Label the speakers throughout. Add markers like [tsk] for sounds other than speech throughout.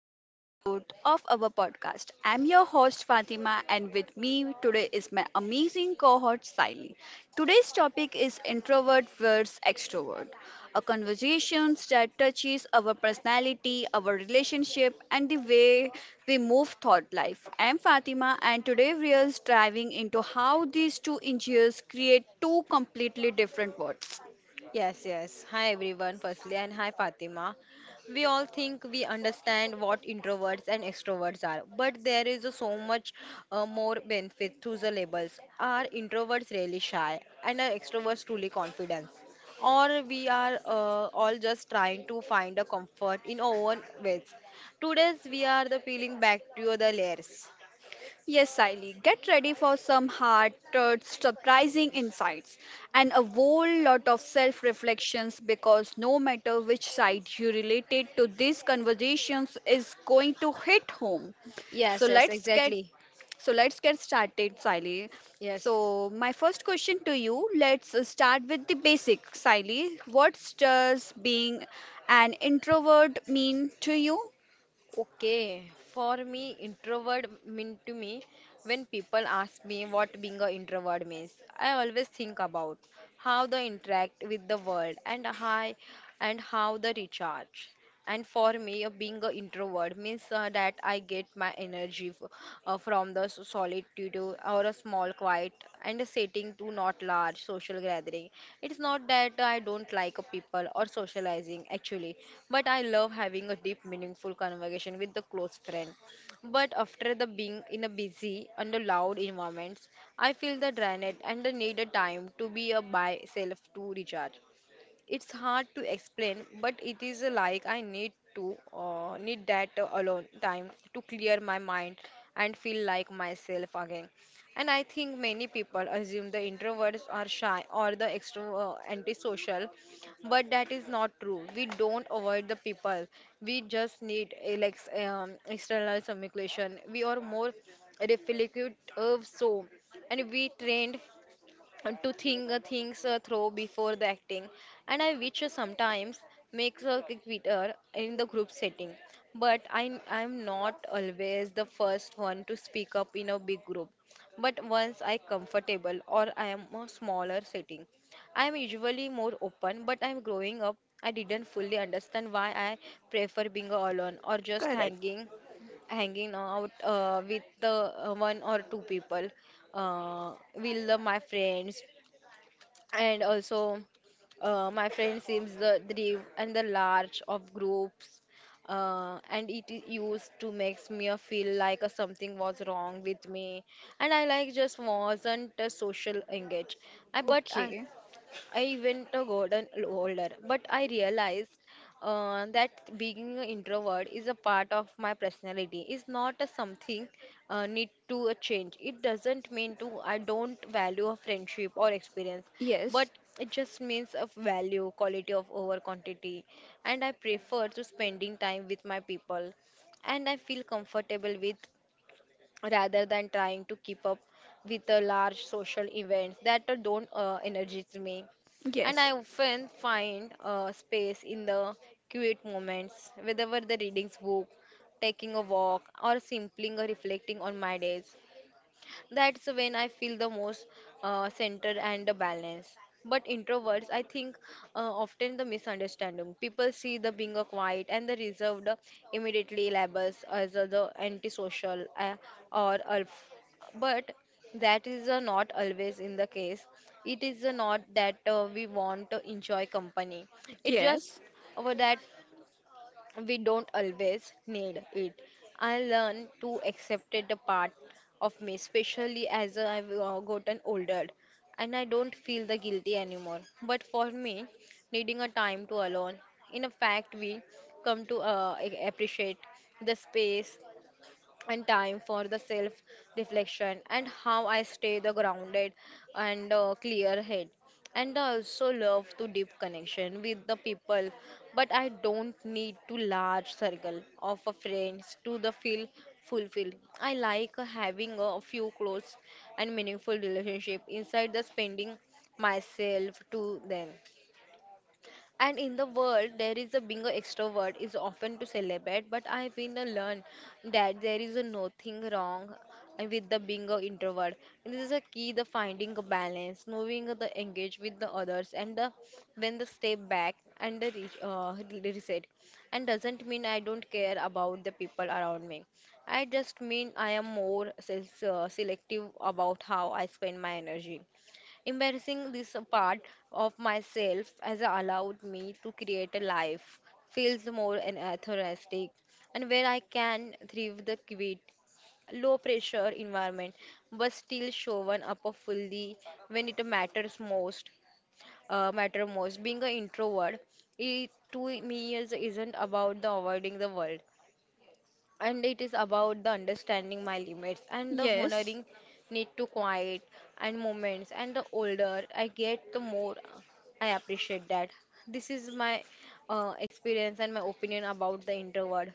Speaker 1: another episode of our podcast. I'm your host Fatima and with me today is my amazing cohort Siley. Today's topic is introvert versus extrovert, a conversation that touches our personality, our relationship and the way we move thought life. I'm Fatima and today we are diving into how these two engineers create two completely different worlds.
Speaker 2: Yes, yes. Hi everyone, firstly, and hi Fatima. We all think we understand what introverts and extroverts are, but there is a so much more benefit to the labels. Are introverts really shy, and are extroverts truly confident? Or we are all just trying to find a comfort in our own ways. Today's we are the peeling back to the layers.
Speaker 1: Yes, Siley, get ready for some hard truths, surprising insights, and a whole lot of self reflections because no matter which side you related to these conversations is going to hit home. So
Speaker 2: Yes, yes,
Speaker 1: let's get
Speaker 2: exactly.
Speaker 1: so let's get started, Siley.
Speaker 2: Yes.
Speaker 1: So my first question to you, let's start with the basic, Siley. What does being an introvert mean to you?
Speaker 2: Okay, for me, introvert mean to me when people ask me what being an introvert means, I always think about how they interact with the world and how they recharge, and for me being an introvert means that I get my energy from the solitude or a small quiet and a setting to not large social gathering. It's not that I don't like people or socializing, actually, but I love having a deep meaningful conversation with the close friend, but after the being in a busy and a loud environments I feel the drained and the need a time to be a by self to recharge. It's hard to explain, but it is like I need to need that alone time to clear my mind and feel like myself again. And I think many people assume the introverts are shy or the extro antisocial, but that is not true. We don't avoid the people. We just need like external communication. We are more reflective of so, and we trained to think things through before the acting, and I which sometimes makes a quitter in the group setting, but I'm not always the first one to speak up in a big group, but once I comfortable or I am a smaller setting I am usually more open. But I'm growing up, I didn't fully understand why I prefer being alone or just
Speaker 1: Correct.
Speaker 2: hanging out with the one or two people. Will love my friends, and also my friend seems the drive and the large of groups, and it is used to makes me a feel like a something was wrong with me, and I like just wasn't a social engage. I but i
Speaker 1: Okay.
Speaker 2: i went a golden older, but I realized that being an introvert is a part of my personality. It's not a something need to change. It doesn't mean to I don't value a friendship or experience, but
Speaker 1: Yes.
Speaker 2: it just means of value quality of over quantity, and I prefer to spending time with my people and I feel comfortable with, rather than trying to keep up with the large social events that don't energize me. And
Speaker 1: Yes.
Speaker 2: I often find space in the quiet moments, whether the reading book, taking a walk, or simply reflecting on my days. That's when I feel the most centered and the balance. But introverts, I think, often the misunderstanding. People see the being a quiet and the reserved immediately labels as a, the antisocial or alf. But that is not always in the case. It is not that we want to enjoy company. It just
Speaker 1: Yes.
Speaker 2: over that we don't always need it. I learned to accept it a part of me, especially as I've gotten older, and I don't feel the guilty anymore. But for me, needing a time to alone, in a fact, we come to appreciate the space and time for the self reflection and how I stay the grounded and clear head. And I also love to deep connection with the people, but I don't need to large circle of a friends to the feel fulfilled. I like having a few close and meaningful relationship inside the spending myself to them. And in the world, there is a being an extrovert is often to celebrate, but I've been a learn that there is a nothing wrong with the being an introvert. And this is a key, the finding a balance, knowing the engage with the others, and the when the step back and the reset. And doesn't mean I don't care about the people around me. I just mean I am more selective about how I spend my energy. Embarrassing this part of myself has allowed me to create a life feels more and authentic, and where I can thrive the quit low pressure environment, but still showing up fully when it matters most. Matter most, being an introvert it to me is, isn't about the avoiding the world, and it is about the understanding my limits and the
Speaker 1: Yes,
Speaker 2: honoring need to quiet and moments. And the older I get, the more I appreciate that this is my experience and my opinion about the introvert.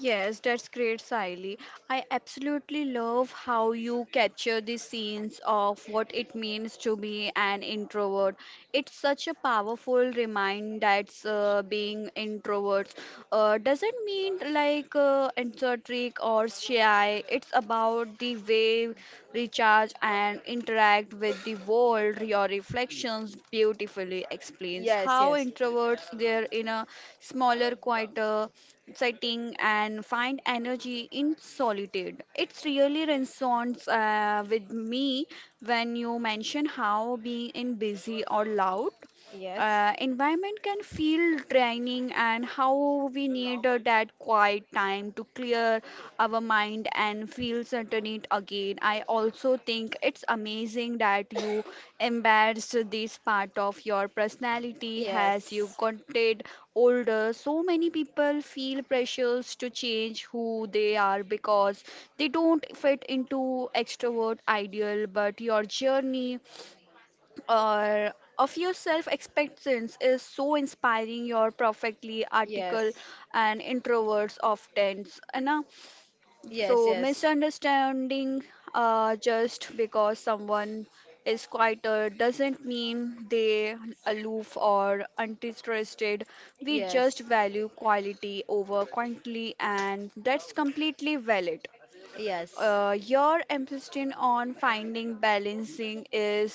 Speaker 1: yes, that's great, Siley. I absolutely love how you capture the scenes of what it means to be an introvert. It's such a powerful reminder that being introverts doesn't mean like eccentric or shy. It's about the way recharge and interact with the world. Your reflections beautifully explains
Speaker 2: Yes,
Speaker 1: how
Speaker 2: yes,
Speaker 1: introverts their in a smaller, quieter setting and find energy in solitude. It's really resonates with me when you mention how being in busy or loud
Speaker 2: yes,
Speaker 1: environment can feel draining and how we need that quiet time to clear our mind and feel certain again. I also think it's amazing that you embraced this part of your personality as you
Speaker 2: yes,
Speaker 1: content older, so many people feel pressures to change who they are because they don't fit into extrovert ideal, but your journey or of your self acceptance is so inspiring your perfectly article
Speaker 2: yes,
Speaker 1: and introverts often so,
Speaker 2: yes, yes,
Speaker 1: misunderstanding just because someone is quieter doesn't mean they aloof or uninterested. We just
Speaker 2: yes,
Speaker 1: value quality over quantity, and that's completely valid.
Speaker 2: yes,
Speaker 1: Your emphasis on finding balancing is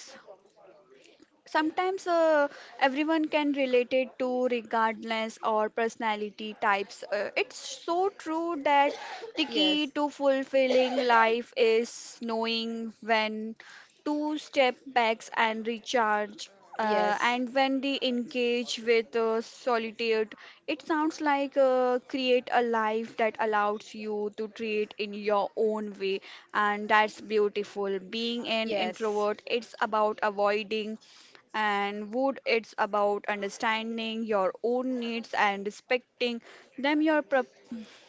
Speaker 1: sometimes everyone can relate it to regardless or personality types it's so true that the key to fulfilling life is knowing when two step backs and recharge.
Speaker 2: yes, yes.
Speaker 1: And when they engage with solitude, it sounds like create a life that allows you to treat in your own way, and that's beautiful. Being an
Speaker 2: Yes.
Speaker 1: introvert, it's about avoiding, and wood, it's about understanding your own needs and respecting them. Your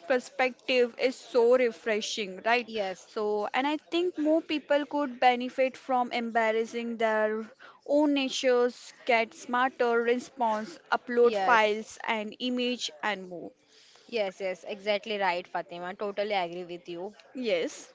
Speaker 1: perspective is so refreshing, right?
Speaker 2: Yes.
Speaker 1: So, and I think more people could benefit from embarrassing their own natures, get smarter response, upload
Speaker 2: Yes.
Speaker 1: files and image and more.
Speaker 2: Yes, yes, exactly right, Fatima. Totally agree with you.
Speaker 1: Yes,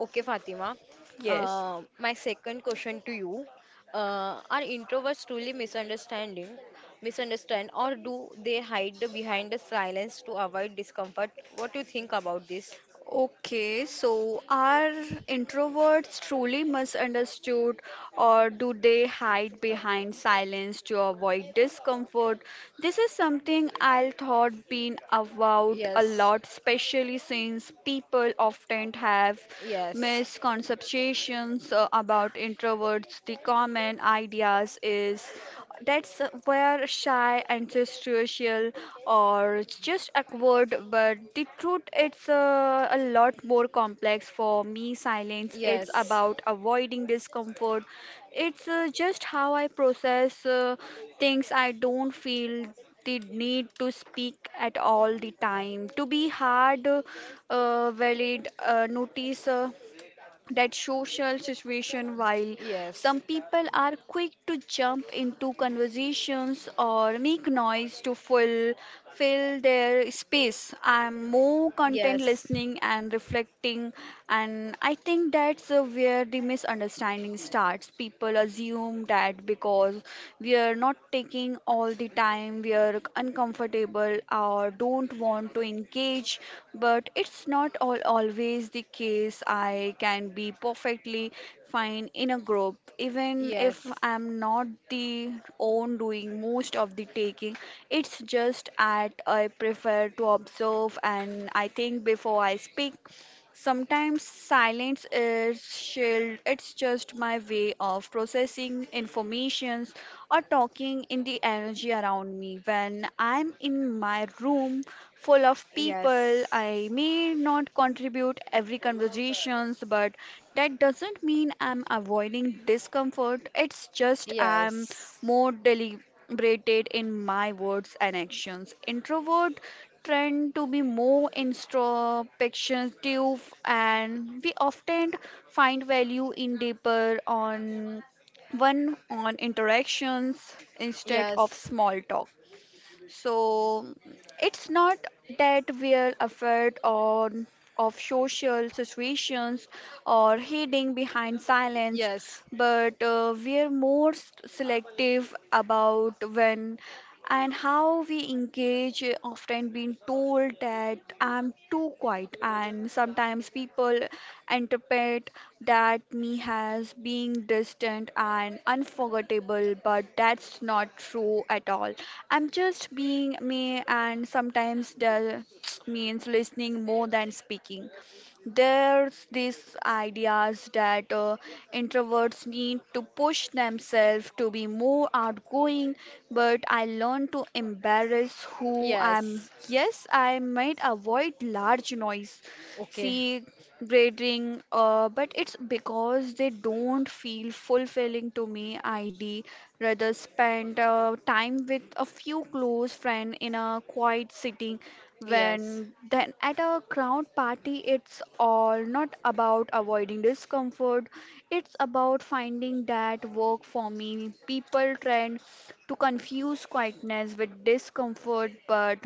Speaker 2: Okay, Fatima.
Speaker 1: yes.
Speaker 2: My second question to you. Are introverts truly misunderstanding, misunderstand, or do they hide behind the silence to avoid discomfort? What do you think about this?
Speaker 1: Okay, so are introverts truly misunderstood, or do they hide behind silence to avoid discomfort? This is something I thought been about a
Speaker 2: Yes,
Speaker 1: lot, especially since people often have
Speaker 2: yes,
Speaker 1: misconceptions about introverts. The common ideas is that's where shy, antisocial, or just awkward, but the truth it's a lot more complex for me. Silence, it's
Speaker 2: yes,
Speaker 1: about avoiding discomfort. It's just how I process things I don't feel the need to speak at all the time to be hard valid notice that social situation while
Speaker 2: yes,
Speaker 1: some people are quick to jump into conversations or make noise to fill their space. I'm more content
Speaker 2: yes,
Speaker 1: listening and reflecting, and I think that's where the misunderstanding starts. People assume that because we are not taking all the time we are uncomfortable or don't want to engage much, but it's not all always the case. I can be perfectly fine in a group, even if
Speaker 2: yes,
Speaker 1: I'm not the own doing most of the taking. It's just at I prefer to observe and I think before I speak. Sometimes silence is shield. It's just my way of processing informations or talking in the energy around me. When I'm in my room full of
Speaker 2: yes,
Speaker 1: people, I may not contribute every conversations, but that doesn't mean I'm avoiding discomfort. It's just I'm
Speaker 2: yes,
Speaker 1: more deliberate braided in my words and actions. Introvert tend to be more introspective and we often find value in deeper on one on interactions instead of
Speaker 2: yes,
Speaker 1: small talk. So it's not that we're afraid on of social situations or hiding behind silence,
Speaker 2: yes,
Speaker 1: but we're more selective about when and how we engage. Often being told that I'm too quiet, and sometimes people interpret that me as being distant and unforgettable, but that's not true at all. I'm just being me, and sometimes that [tsk] means listening more than speaking. There's these ideas that introverts need to push themselves to be more outgoing, but I learned to embarrass who I
Speaker 2: yes.
Speaker 1: am. Yes, I might avoid large noise,
Speaker 2: Okay,
Speaker 1: see grading, but it's because they don't feel fulfilling to me. I'd rather spend time with a few close friends in a quiet sitting
Speaker 2: yes,
Speaker 1: when then at a crowd party, it's all not about avoiding discomfort, it's about finding that work for me. People trend to confuse quietness with discomfort, but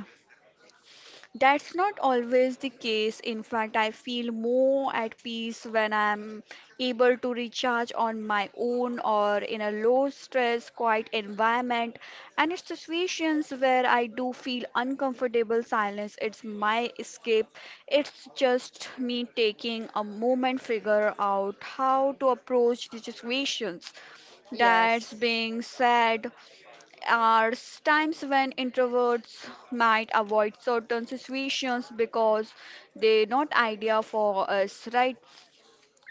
Speaker 1: that's not always the case. In fact, I feel more at peace when I'm able to recharge on my own or in a low stress, quiet environment. And it's situations where I do feel uncomfortable silence. It's my escape, it's just me taking a moment figure out how to approach the situations that's
Speaker 2: yes,
Speaker 1: being said are times when introverts might avoid certain situations because they're not idea for us right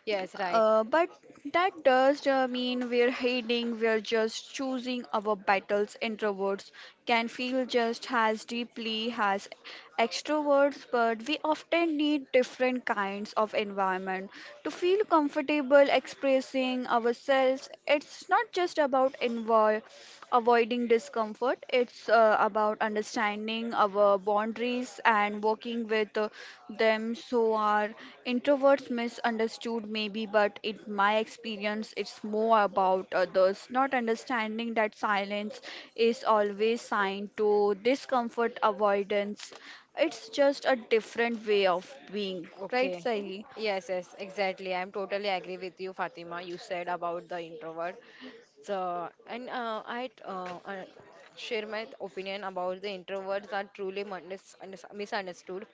Speaker 2: yes, right.
Speaker 1: but that does mean we're hiding, we're just choosing our battles. Introverts can feel just as deeply as extroverts, but we often need different kinds of environment to feel comfortable expressing ourselves. It's not just about envy avoiding discomfort, it's about understanding our boundaries and working with them so our Introverts misunderstood maybe, but in my experience, it's more about others not understanding that silence is always sign to discomfort avoidance. It's just a different way of being, right,
Speaker 2: Okay.
Speaker 1: Siley?
Speaker 2: Yes, yes, exactly. I'm totally agree with you, Fatima. You said about the introvert. So, and I share my opinion about the introverts are truly misunderstood,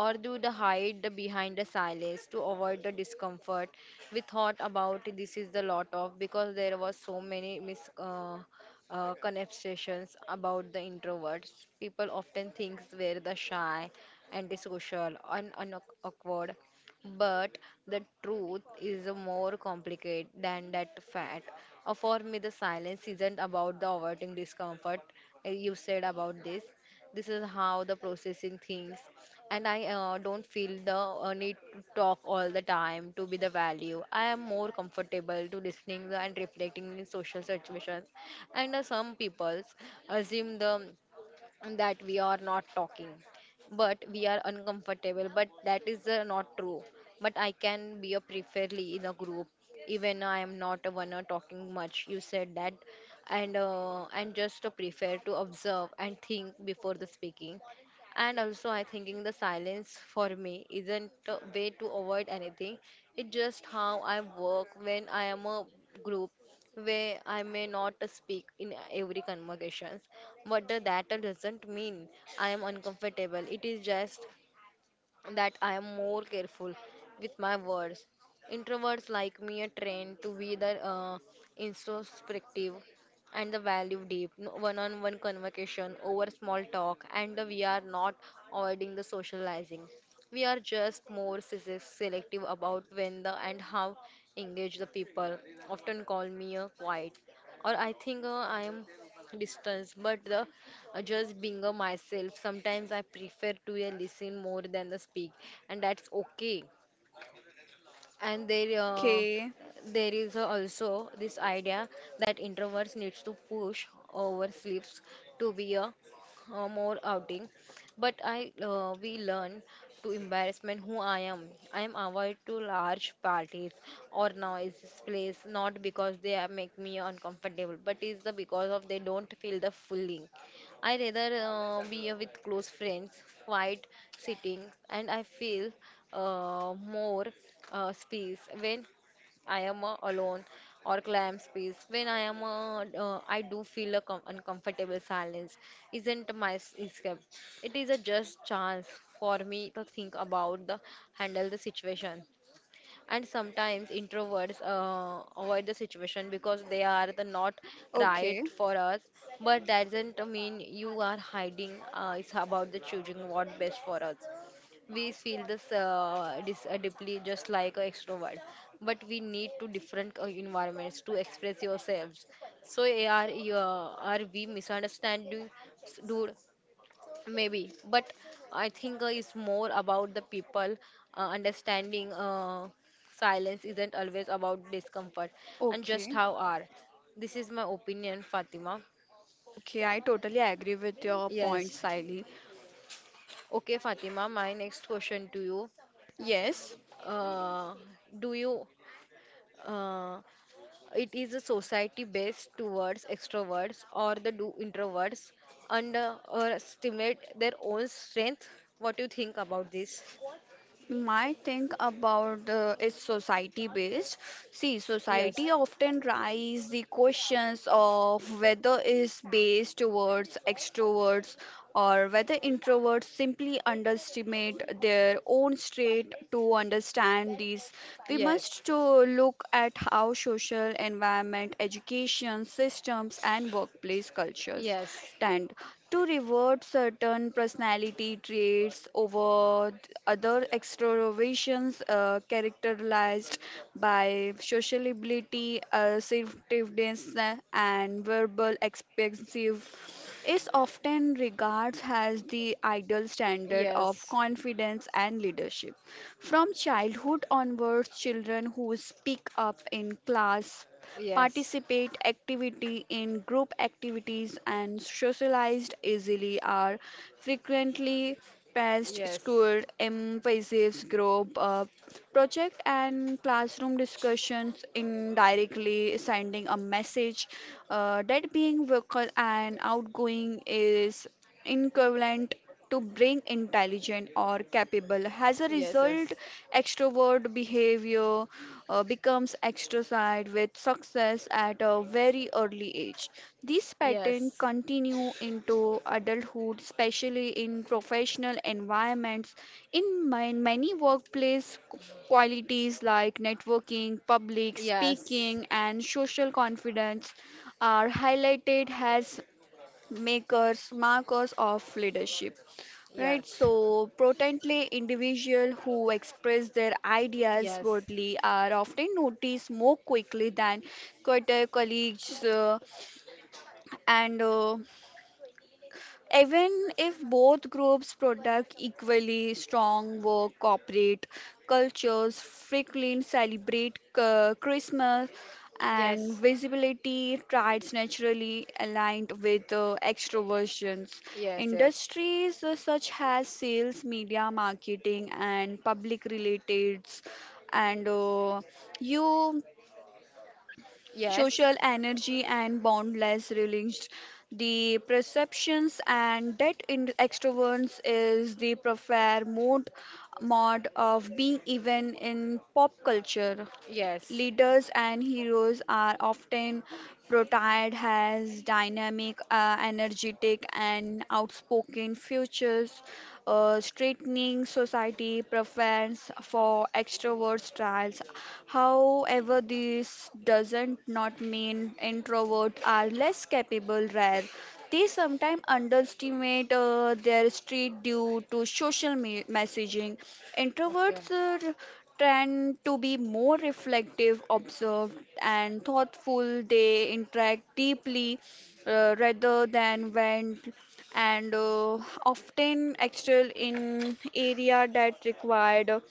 Speaker 2: or do the hide behind the silence to avoid the discomfort. We thought about this is the lot of because there was so many mis conversations about the introverts. People often think they're the shy, antisocial and awkward, but the truth is more complicated than that fact. For me, the silence isn't about the avoiding discomfort. You said about this. This is how the processing things, and I don't feel the need to talk all the time to be the value. I am more comfortable to listening and reflecting in social situations, and some people assume the that we are not talking but we are uncomfortable, but that is not true, but I can be a preferably in a group, even I am not a one talking much, you said that. And and just prefer to observe and think before the speaking, and also I thinking the silence for me isn't a way to avoid anything. It's just how I work when I am a group where I may not speak in every conversations. What the, that doesn't mean I am uncomfortable. It is just that I am more careful with my words. Introverts like me are trained to be the introspective and the value deep, no, one-on-one conversation over small talk, and we are not avoiding the socializing. We are just more selective about when the and how engage the people. Often call me a quiet, or I think I am distance but the just being a myself. Sometimes I prefer to listen more than the speak, and that's okay. and there uh,
Speaker 1: Okay,
Speaker 2: there is also this idea that introverts needs to push over sleeves to be a, more outing, but I we learn to embarrassment who I am. I am avoid to large parties or noisy place, not because they are make me uncomfortable, but is the because of they don't feel the fooling. I rather be with close friends quiet sitting, and I feel more space when I am alone, or clam space when I am I do feel a uncomfortable silence isn't my escape. It is a just chance for me to think about the handle the situation. And sometimes introverts avoid the situation because they are the not right
Speaker 1: okay,
Speaker 2: for us, but that doesn't mean you are hiding. It's about the choosing what best for us. We feel this deeply just like an extrovert, but we need to different environments to express yourselves. So are you are we misunderstanding, dude? Maybe, but I think it's more about the people understanding silence isn't always about discomfort and just
Speaker 1: okay.
Speaker 2: how are. This is my opinion, Fatima.
Speaker 1: Okay, I totally agree with your point,
Speaker 2: Yes.
Speaker 1: Siley.
Speaker 2: Okay, Fatima, my next question to you.
Speaker 1: Yes.
Speaker 2: Uh, do you, uh, it is a society based towards extroverts or the do introverts and or stimulate their own strength? What do you think about this?
Speaker 1: My think about is society based. See,
Speaker 2: Yes.
Speaker 1: society often raise the questions of whether is based towards extroverts or whether introverts simply underestimate their own state to understand these. We
Speaker 2: Yes.
Speaker 1: must to look at how social environment, education systems, and workplace cultures
Speaker 2: Yes. Yes.
Speaker 1: trend to reward certain personality traits over other extroversions characterized by sociability, assertiveness, and verbal expansive is often regards as the ideal standard of
Speaker 2: Yes.
Speaker 1: confidence and leadership. From childhood onwards, children who speak up in class,
Speaker 2: Yes.
Speaker 1: participate activity in group activities and socialized easily are frequently past school emphasis group project and classroom discussions indirectly sending a message that being vocal and outgoing is equivalent to bring intelligent or capable. As a
Speaker 2: Yes.
Speaker 1: result,
Speaker 2: Yes.
Speaker 1: extrovert behavior becomes extrovert with success at a very early age. These patterns
Speaker 2: Yes.
Speaker 1: continue into adulthood, especially in professional environments. In my, many workplace qualities like networking, public
Speaker 2: Yes. Yes.
Speaker 1: speaking, and social confidence are highlighted as makers, markers of leadership. Right,
Speaker 2: Yes.
Speaker 1: so potently individual who express their ideas boldly are often noticed more quickly than quieter colleagues and even if both groups product equally strong work, corporate cultures frequently celebrate Christmas and
Speaker 2: Yes. Yes.
Speaker 1: visibility traits naturally aligned with extroversions. Industries such as sales, media, marketing, and public relations and you
Speaker 2: Yes. Yes.
Speaker 1: social energy and boundless release. The perceptions and that in extroverts is the preferred mode of being even in pop culture.
Speaker 2: Yes.
Speaker 1: Leaders and heroes are often portrayed as dynamic, energetic, and outspoken futures, straightening society preference for extrovert styles. However, this doesn't not mean introverts are less capable. Rare, they sometimes underestimate their street due to social messaging.
Speaker 2: Okay.
Speaker 1: Introverts uh, tend to be more reflective, observed, and thoughtful. They interact deeply rather than vent and often excel in area that required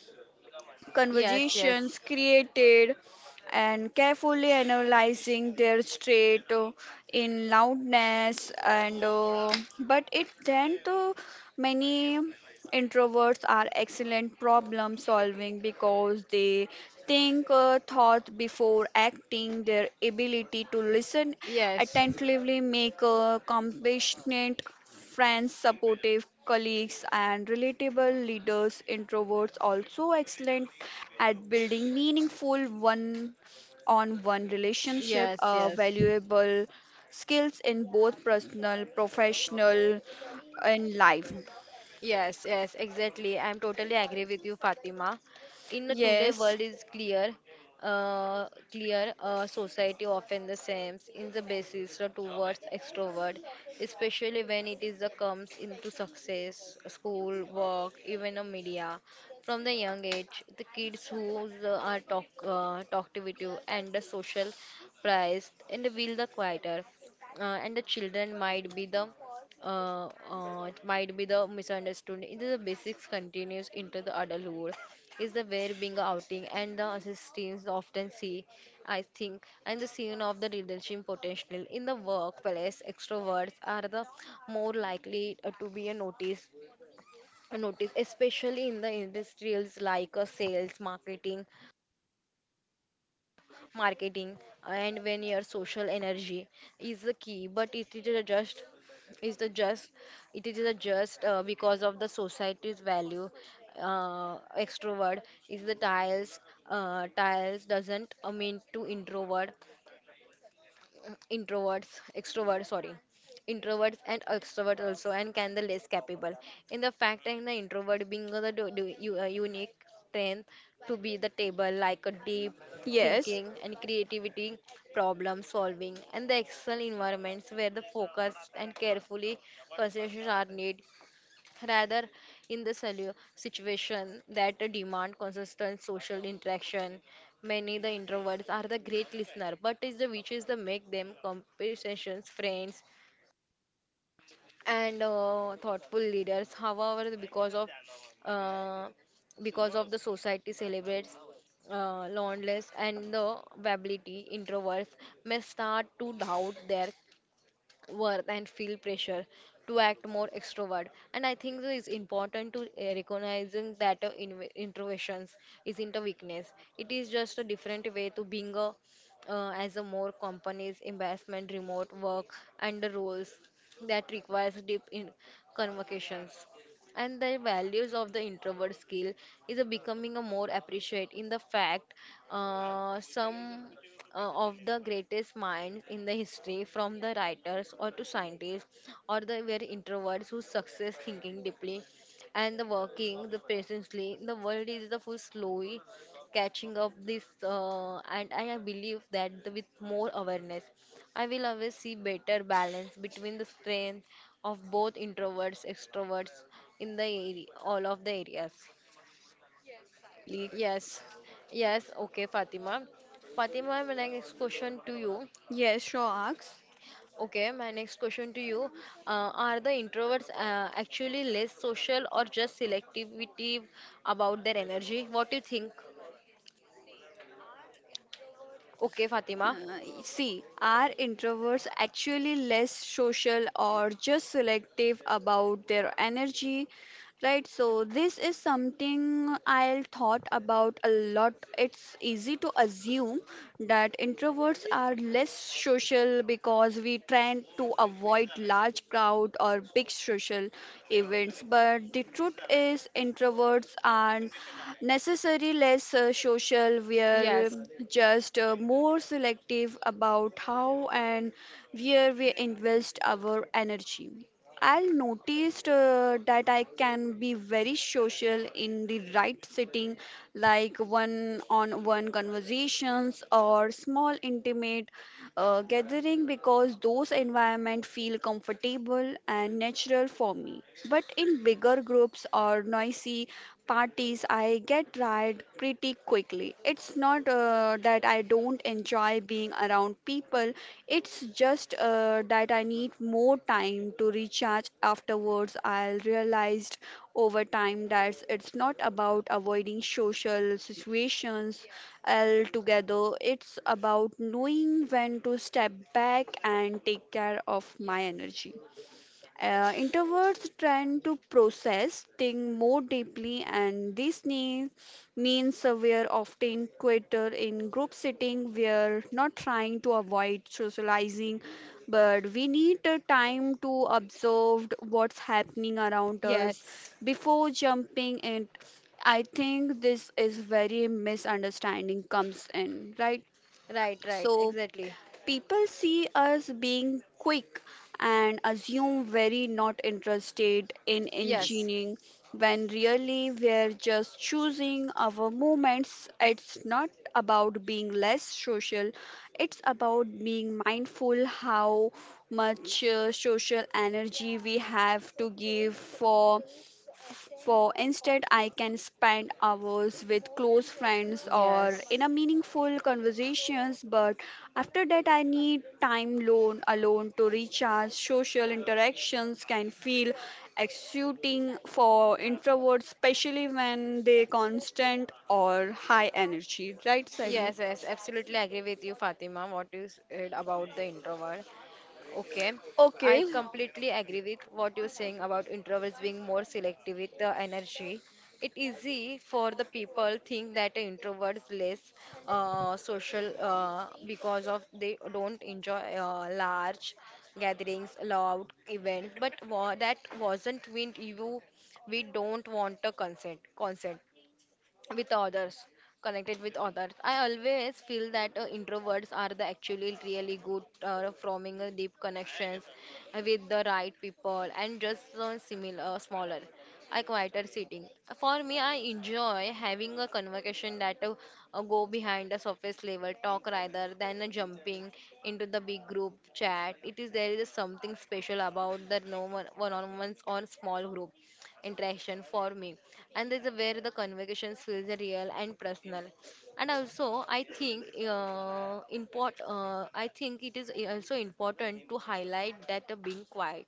Speaker 2: Yes, yes.
Speaker 1: conversations created and carefully analyzing their state in loudness and but it then to many Introverts are excellent problem solving because they think thought before acting. Their ability to listen
Speaker 2: Yes.
Speaker 1: attentively make compassionate friends, supportive colleagues, and relatable leaders. Introverts also excellent at building meaningful one-on-one relationship,
Speaker 2: Yes, yes,
Speaker 1: valuable skills in both personal, professional, and life.
Speaker 2: yes, yes, exactly. I'm totally agree with you, Fatima. In the today
Speaker 1: Yes.
Speaker 2: world is clear, society often the same in the basis the towards extrovert, especially when it is the comes into success, school, work, even a media. From the young age, the kids who are talkative and the social prized and will the quieter, and the children might be the it might be the misunderstanding. It is the basics continues into the adulthood. Is the where being a outing and the assistants often see, I think, and the scene of the leadership potential in the workplace. Extroverts are the more likely to be a notice, especially in the industrials like sales, marketing, and when your social energy is the key, but is the just it is a just because of the society's value, extrovert is the tiles doesn't mean to introverts, extroverts, sorry, introverts and extroverts also, and can the less capable. In the fact and the introvert being the unique strength to be the table like a deep
Speaker 1: Yes,
Speaker 2: thinking and creativity, problem solving, and the excel environments where the focus and carefully considerations are needed, rather in the situation that demand consistent social interaction. Many the introverts are the great listener but is the which is the make them conversations friends and thoughtful leaders. However, uh, because of the society celebrates loneliness and the ability, introverts may start to doubt their worth and feel pressure to act more extrovert. And I think that it's important to recognizing that introversions isn't a weakness. It is just a different way to being a as a more companies investment remote work and the roles that requires deep in convocations, and the values of the introvert skill is a becoming a more appreciate. In the fact, some of the greatest minds in the history, from the writers or to scientists, or the very introverts who success thinking deeply and the working the patiently. The world is the full slowly catching up this, and I believe that with more awareness, I will always see better balance between the strength of both introverts extroverts in all of the areas.
Speaker 1: Lee.
Speaker 2: Yes, yes. Okay, Fatima. Fatima, my next question to you.
Speaker 1: Yes, Shaw asks.
Speaker 2: Okay, my next question to you. Are the introverts actually less social or just selectivity about their energy? What do you think? Okay, Fatima.
Speaker 1: See, are introverts actually less social or just selective about their energy? Right, so this is something I thought about a lot. It's easy to assume that introverts are less social because we tend to avoid large crowd or big social events, but the truth is introverts are necessarily less social. We are
Speaker 2: Yes.
Speaker 1: just more selective about how and where we invest our energy. I'll noticed that I can be very social in the right setting, like one-on-one conversations or small intimate gathering, because those environment feel comfortable and natural for me. But in bigger groups or noisy parties, I get tired pretty quickly. It's not that I don't enjoy being around people, it's just that I need more time to recharge afterwards. I realized over time that it's not about avoiding social situations altogether. It's about knowing when to step back and take care of my energy. Introverts tend to process things more deeply, and this means we are often quieter in group setting. We are not trying to avoid socializing, but we need time to observe what's happening around us
Speaker 2: Yes.
Speaker 1: before jumping in. I think this is very misunderstanding comes in, right?
Speaker 2: Right, right,
Speaker 1: So
Speaker 2: exactly.
Speaker 1: people see us being quick and assume very not interested in
Speaker 2: Yes.
Speaker 1: engineering when really we're just choosing our moments. It's not about being less social, it's about being mindful how much social energy we have to give for instead. I can spend hours with close friends or
Speaker 2: Yes.
Speaker 1: in a meaningful conversations, but after that, I need time alone to recharge. Social interactions can feel exhausting for introverts, especially when they constant or high energy. Right, Sally?
Speaker 2: Yes, yes, absolutely agree with you, Fatima, what you said about the introvert. Okay,
Speaker 1: Okay.
Speaker 2: I completely agree with what you're saying about introverts being more selective with the energy. It easy for the people think that introverts less social because of they don't enjoy large gatherings, loud events. But that wasn't mean you. We don't want a consent. Consent with others connected with others. I always feel that introverts are the actually really good forming a deep connections with the right people, and just similar, smaller, a quieter sitting. For me, I enjoy having a conversation that go behind the surface level talk, rather than jumping into the big group chat. It is There is something special about the no one one on ones or small group interaction for me, and this is where the conversations feels real and personal. And also, I think it is also important to highlight that, being quiet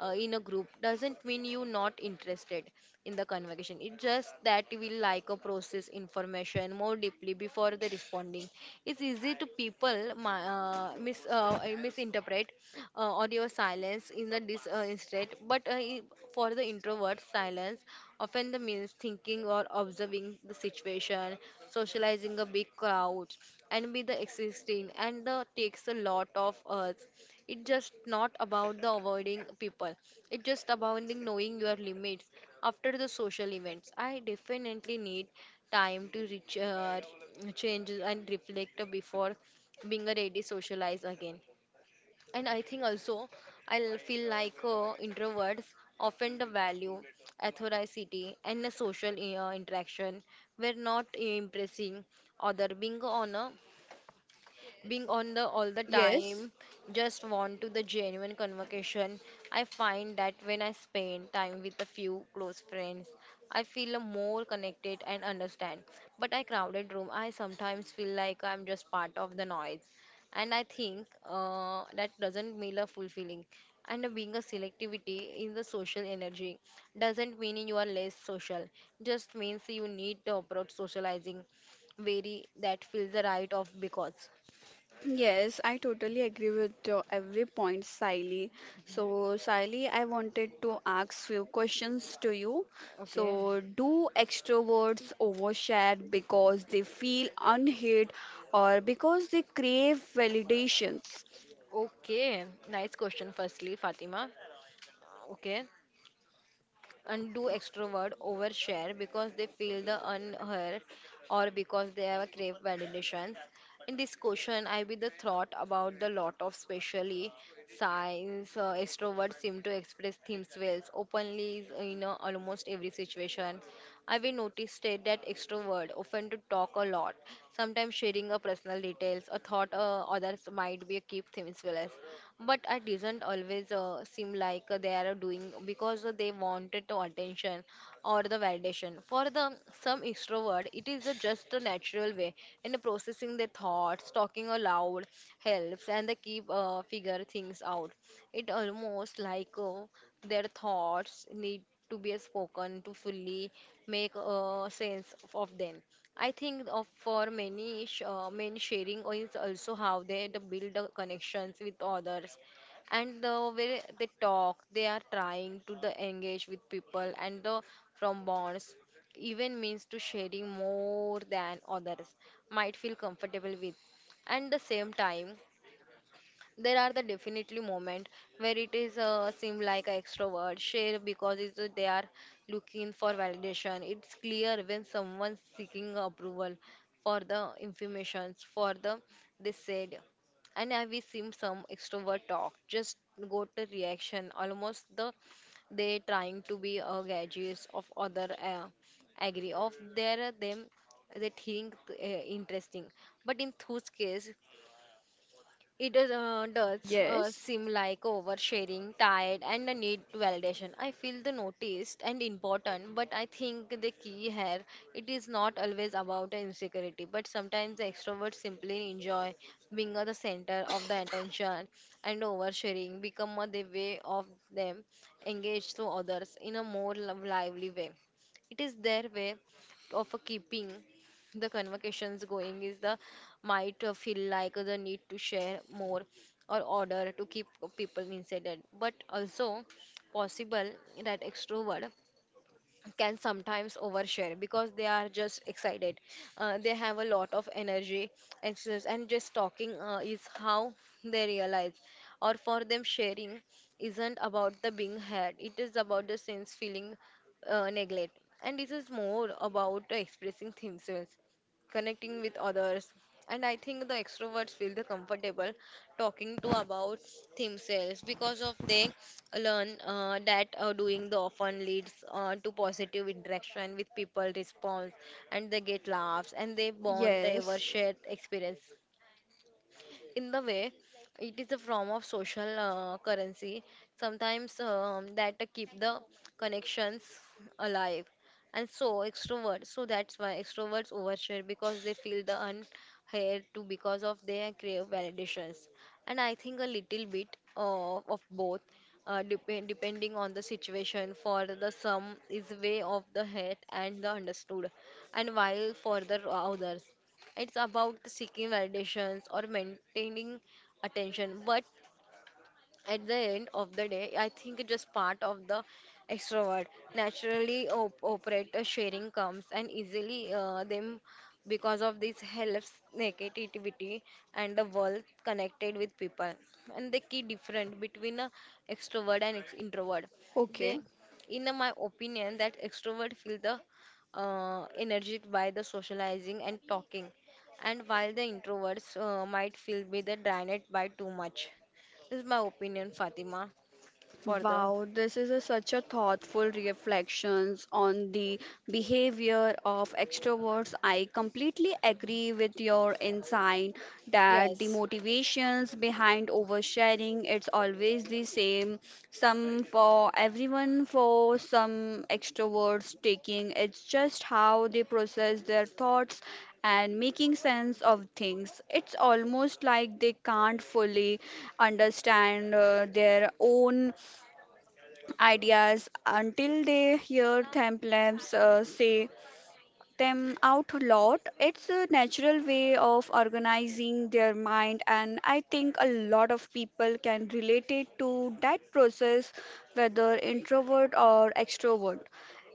Speaker 2: in a group doesn't mean you not interested in the conversation. It's just that we like a process information more deeply before the responding. It's easy to people misinterpret audio silence in the dis instead, but for the introvert, silence often the means thinking or observing the situation, socializing a big crowd, and be the existing, and takes a lot of us. It's just not about the avoiding people. It's just about the knowing your limits. After the social events, I definitely need time to change and reflect before being a ready socialize again. And I think also, I feel like introverts often the value authority and the social interaction, were not impressing other, being on the all the
Speaker 1: Yes.
Speaker 2: time, just want to the genuine conversation. I find that when I spend time with a few close friends, I feel more connected and understand, but I crowded room, I sometimes feel like I'm just part of the noise. And I think that doesn't mean a fulfilling, and being a selectivity in the social energy doesn't mean you are less social. Just means you need to approach socializing very that feels the right of because.
Speaker 1: Yes, I totally agree with every point, Siley. So, Siley, I wanted to ask few questions to you.
Speaker 2: Okay.
Speaker 1: So, do extroverts overshare because they feel unheard or because they crave validations?
Speaker 2: Okay, nice question, firstly, Fatima. Okay. And do extrovert overshare because they feel the unheard, or because they have a crave validations? In this question, I be the thought about the lot of specially science. Extroverts seem to express themes well openly is in almost every situation. I will notice that extrovert often to talk a lot, sometimes sharing a personal details, a thought, others might be keep things well. But I didn't always seem like they are doing because they wanted the attention or the validation. For the some extrovert, it is a just a natural way in processing their thoughts. Talking aloud helps, and they keep figure things out. It almost like, their thoughts need to be spoken to fully make sense of them. I think of, for many men, sharing is also how they the build the connections with others, and the way they talk, they are trying to the engage with people and the from bonds, even means to sharing more than others might feel comfortable with. And the same time, there are the definitely moment where it is seem like an extrovert share because they are looking for validation. It's clear when someone's seeking approval for the informations for the they said, and have we seen some extrovert talk just go to reaction, almost the they trying to be a gauges of other, agree of their them they think interesting. But in whose case, it is, does
Speaker 1: Yes.
Speaker 2: seem like oversharing, tired, and the need to validation. I feel the noticed and important, but I think the key here, it is not always about the insecurity, but sometimes the extroverts simply enjoy being at the center of the attention, and oversharing become a the way of them engage to others in a more lively way. It is their way of keeping the convocations going, is the might feel like the need to share more or order to keep people inside it. But also possible that extrovert can sometimes overshare because they are just excited. They have a lot of energy, and, and just talking is how they realize. Or for them, sharing isn't about the being heard, it is about the sense feeling neglect. And this is more about expressing themselves, connecting with others. And I think the extroverts feel the comfortable talking to about themselves, because of they learn that doing the often leads to positive interaction with people response, and they get laughs and they bond, they ever
Speaker 1: Yes.
Speaker 2: share experience in the way. It is a form of social currency sometimes, that keep the connections alive. And so extroverts, so that's why extroverts overshare because they feel the unheard, to, because of their crave validations. And I think a little bit of both, depending on the situation. For the some, is way of the head and the understood, and while for the others, it's about seeking validations or maintaining attention. But at the end of the day, I think it's just part of the extrovert. Naturally op operate, sharing comes and easily them, because of this helps negativity and the world connected with people. And the key difference between a extrovert and ex introvert,
Speaker 1: Okay.
Speaker 2: they, in my opinion, that extrovert feel the energized by the socializing and talking, and while the introverts might feel be the drained by too much. This is my opinion, Fatima, for the.
Speaker 1: Wow, this is such a thoughtful reflections on the behavior of extroverts. I completely agree with your insight that the
Speaker 2: Yes,
Speaker 1: motivations behind oversharing it's always the same. Some for everyone, for some extroverts taking it's just how they process their thoughts and making sense of things. It's almost like they can't fully understand their own ideas until they hear Thamplabs say them out loud. It's a natural way of organizing their mind, and I think a lot of people can relate it to that process, whether introvert or extrovert.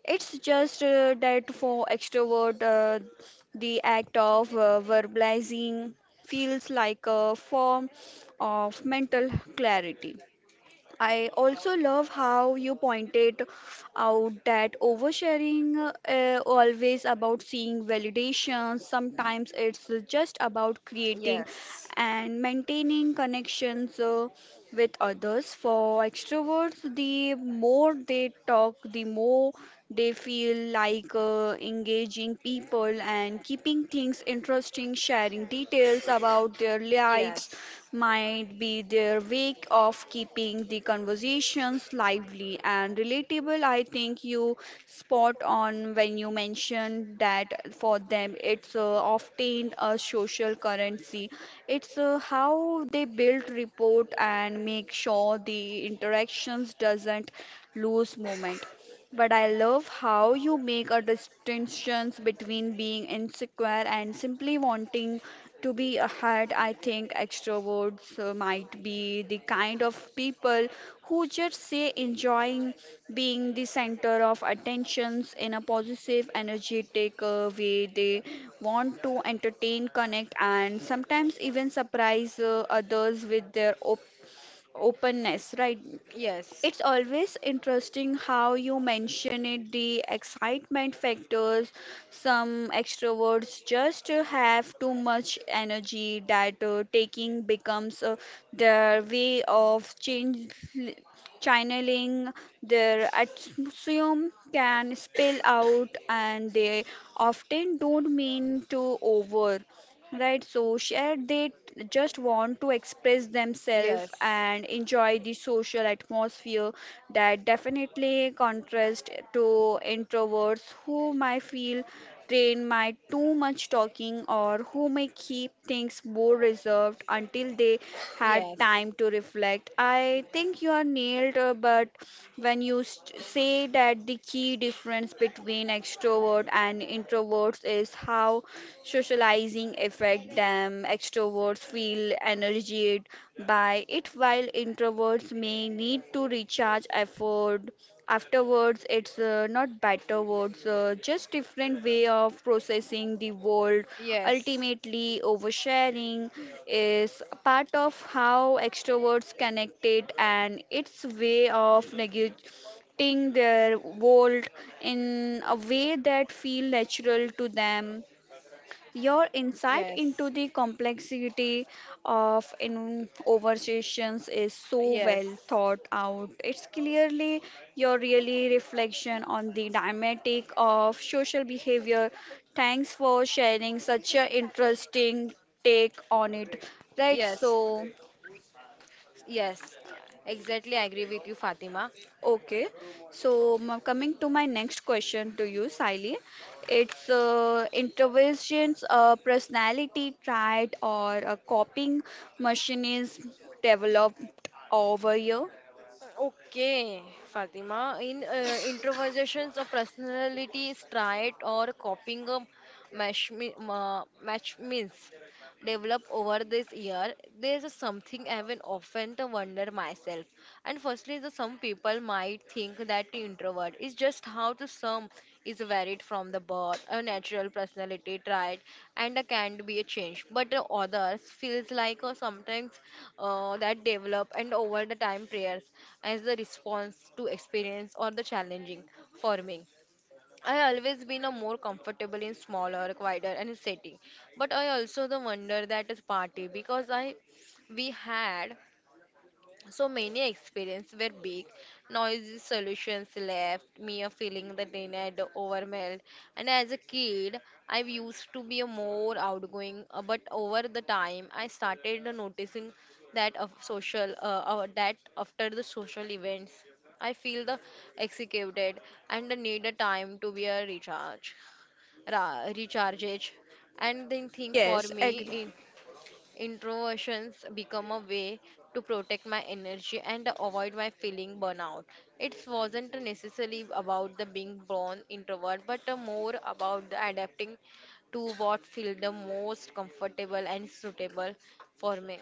Speaker 1: It's just that for extrovert, the act of verbalizing feels like a form of mental clarity. I also love how you pointed out that oversharing always about seeing validation. Sometimes it's just about creating
Speaker 2: yes,
Speaker 1: and maintaining connections with others. For extroverts, the more they talk, the more they feel like engaging people and keeping things interesting, sharing details about their lives
Speaker 2: yes,
Speaker 1: might be their way of keeping the conversation discussions lively and relatable. I think you spot on when you mentioned that for them it's often a social currency. It's how they build rapport and make sure the interactions doesn't lose moment. But I love how you make a distinction between being insecure and simply wanting to be ahead. I think extroverts might be the kind of people who just say enjoying being the center of attentions in a positive, energetic way. They want to entertain, connect, and sometimes even surprise others with their openness, right?
Speaker 2: yes,
Speaker 1: It's always interesting how you mention it, the excitement factors. Some extroverts just have too much energy that taking becomes their way of channeling their atmosphere can spill out, and they often don't mean to over. Right, so share, just want to express themselves and enjoy the social atmosphere that definitely contrast to introverts who might feel drained by too much talking, or who may keep things more reserved until they had
Speaker 2: yes,
Speaker 1: time to reflect. I think you are nailed, but when you say that the key difference between extrovert and introverts is how socializing affect them. Extroverts feel energized by it, while introverts may need to recharge effort afterwards. It's not better words, just different way of processing the world.
Speaker 2: yes, yes.
Speaker 1: Ultimately, oversharing is a part of how extroverts connected, and its way of negating their world in a way that feel natural to them. Your insight
Speaker 2: Yes.
Speaker 1: into the complexity of in conversations is so
Speaker 2: Yes.
Speaker 1: well thought out. It's clearly your really reflection on the dynamic of social behavior. Thanks for sharing such an interesting take on it. Right,
Speaker 2: Yes.
Speaker 1: so.
Speaker 2: Yes. Exactly. I agree with you, Fatima.
Speaker 1: Okay, so coming to my next question to you, Siley, it's interventions, personality trait, or a copying machine is developed over here.
Speaker 2: Okay, Fatima. In, introversions of personality is trait or copying a match, match means develop over this year. There's something I've often to wonder myself. And firstly, the some people might think that the introvert is just how the some is varied from the birth, a natural personality trait, and a can be a change. But the others feels like sometimes, that develop and over the time prayers as the response to experience or the challenging forming. I always been a more comfortable in smaller, quieter and setting. But I also the wonder that is party because I we had so many experiences were big, noisy solutions left me a feeling that I had overwhelmed. And as a kid, I used to be a more outgoing, but over the time, I started noticing that of social, that after the social events, I feel the executed and need a time to be a recharge, recharge, and then think for
Speaker 1: Yes, agree.
Speaker 2: me. Introversions become a way to protect my energy and avoid my feeling burnout. It wasn't necessarily about the being born introvert, but more about the adapting to what feel the most comfortable and suitable for me.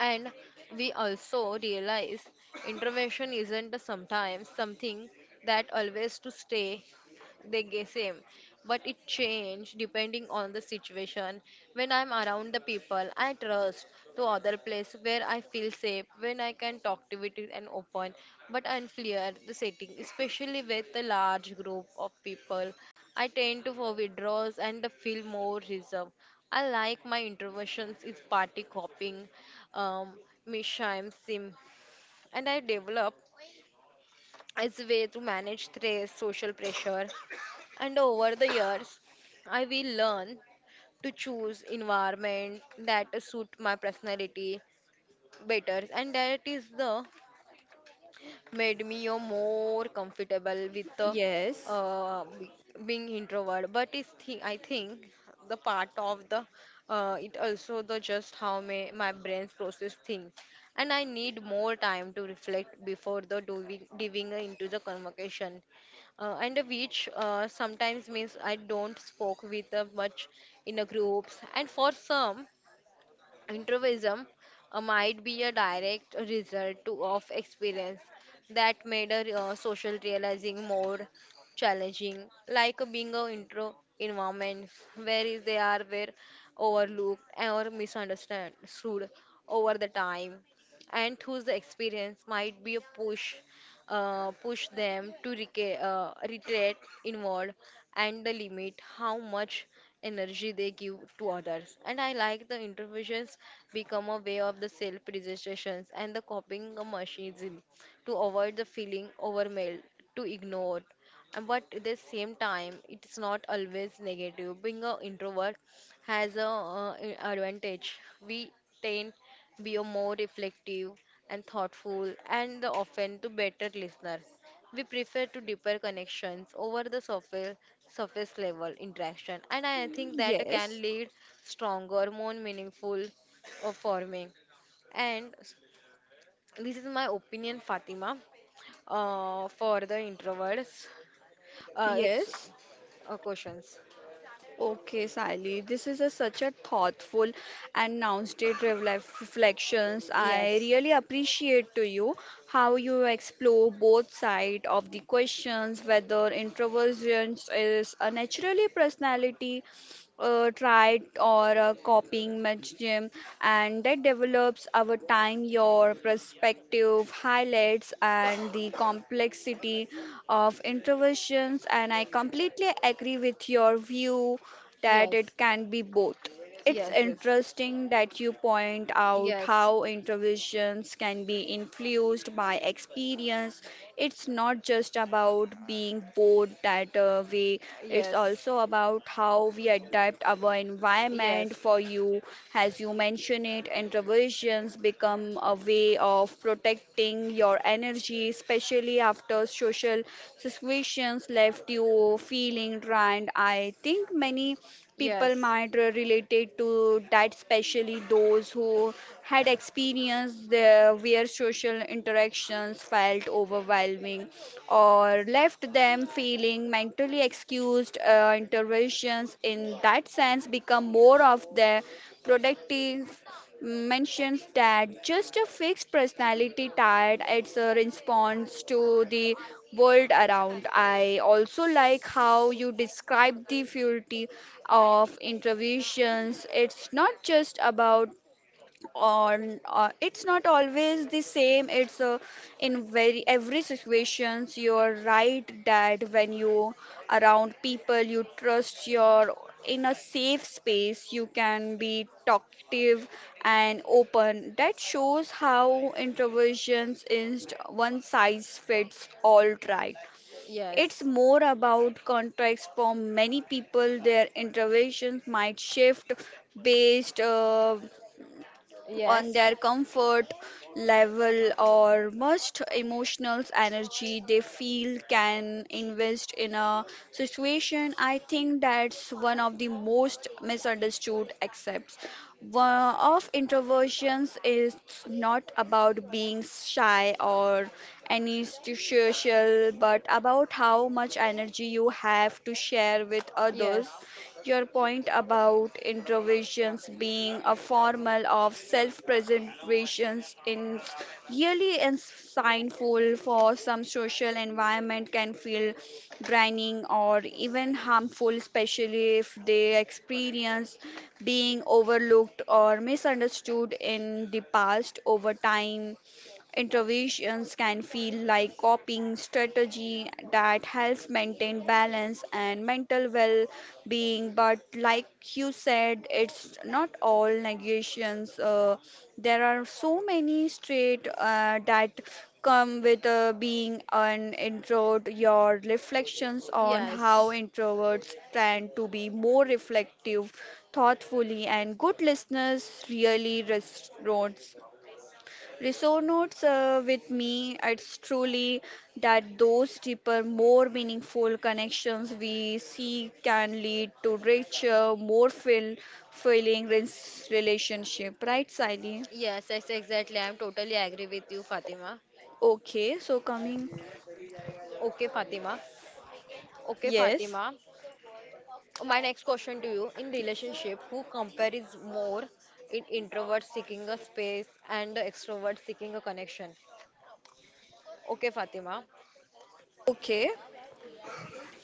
Speaker 2: And we also realize intervention isn't sometimes something that always to stay the same, but it change depending on the situation. When I'm around the people I trust, to other place where I feel safe, when I can talk to it and open, but unclear the setting, especially with a large group of people, I tend to for withdrawals and feel more reserved. I like my introversions is party hopping, um, Misha, Sim, and I developed as a way to manage stress, social pressure, and over the years, I will learn to choose environment that suit my personality better, and that is the made me a more comfortable with the
Speaker 1: Yes,
Speaker 2: uh, be- being introvert. But I think the part of the it also the just how my brains process things and I need more time to reflect before the doing, diving into the convocation, and which sometimes means I don't spoke with much in a groups and for some Introvism might be a direct result to, of experience that made a social realizing more challenging, like being a intro environment where is they are were overlooked or misunderstood over the time, and whose the experience might be a push them to retreat inward and the limit how much energy they give to others. And I like the interventions become a way of the self-registrations and the copying a machinism to avoid the feeling overwhelmed, to ignore. And but at the same time, it's not always negative. Being an introvert has a advantage. We tend to be a more reflective and thoughtful, and the often to better listeners. We prefer to deeper connections over the surface level interaction and I think that can
Speaker 1: yes,
Speaker 2: lead stronger more meaningful of forming and this is my opinion, Fatima, for the introverts, uh, ex-
Speaker 1: yes.
Speaker 2: questions.
Speaker 1: Okay, Sally, this is such a thoughtful and now reflections. I
Speaker 2: Yes.
Speaker 1: really appreciate to you how you explore both sides of the questions, whether introversion is a naturally personality tried or copying mechanism and that develops our time. Your perspective highlights and the complexity of interventions, and I completely agree with your view that
Speaker 2: Yes.
Speaker 1: it can be both. It's
Speaker 2: Yes, yes.
Speaker 1: interesting that you point out
Speaker 2: Yes.
Speaker 1: how interventions can be influenced by experience. It's not just about being bored that way, it's
Speaker 2: Yes.
Speaker 1: also about how we adapt our environment for you. As you mentioned it, interventions become a way of protecting your energy, especially after social situations left you feeling drained. I think many people
Speaker 2: Yes.
Speaker 1: might
Speaker 2: Yes.
Speaker 1: related to that, especially those who had experienced their, where social interactions felt overwhelming or left them feeling mentally excused. Interventions in that sense become more of the productive mentions that just a fixed personality tired. It's a response to the world around. I also like how you describe the futility of interventions. It's not just about on it's not always the same. It's in very every situations. You're right that when you around people you trust, you're in a safe space, you can be talkative and open. That shows how introversions is one size fits all, right? It's
Speaker 2: Yes.
Speaker 1: more about context. For many people their introversions might shift based on
Speaker 2: Yes.
Speaker 1: their comfort level or most emotional energy they feel can invest in a situation. I think that's one of the most misunderstood aspects. One of introversions is not about being shy or antisocial, but about how much energy you have to share with
Speaker 2: Yes.
Speaker 1: others. Your point about introversions being a formal of self-preservation is really insightful. For some social environment can feel draining or even harmful, especially if they experience being overlooked or misunderstood in the past. Over time, interventions can feel like coping strategy that helps maintain balance and mental well-being, but like you said, it's not all negations. There are so many traits that come with being an introvert. Your reflections on how
Speaker 2: Yes.
Speaker 1: introverts tend to be more reflective, thoughtfully, and good listeners really resonates with me. It's truly that those deeper, more meaningful connections we see can lead to richer, more filling relationship. Right, Sally?
Speaker 2: Yes, yes, exactly. I'm totally agree with you, Fatima.
Speaker 1: Okay, so coming.
Speaker 2: Okay, Fatima. Okay,
Speaker 1: Yes.
Speaker 2: Fatima. My next question to you, in relationship, who compares more in introvert seeking a space and the extrovert seeking a connection? Okay, Fatima.
Speaker 1: Okay.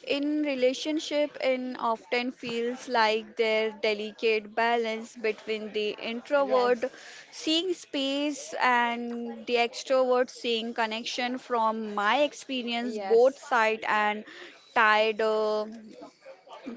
Speaker 1: In relationship, it often feels like there's delicate balance between the introvert
Speaker 2: Yes.
Speaker 1: seeing space and the extrovert seeing connection. From my experience, both
Speaker 2: Yes.
Speaker 1: side and tired.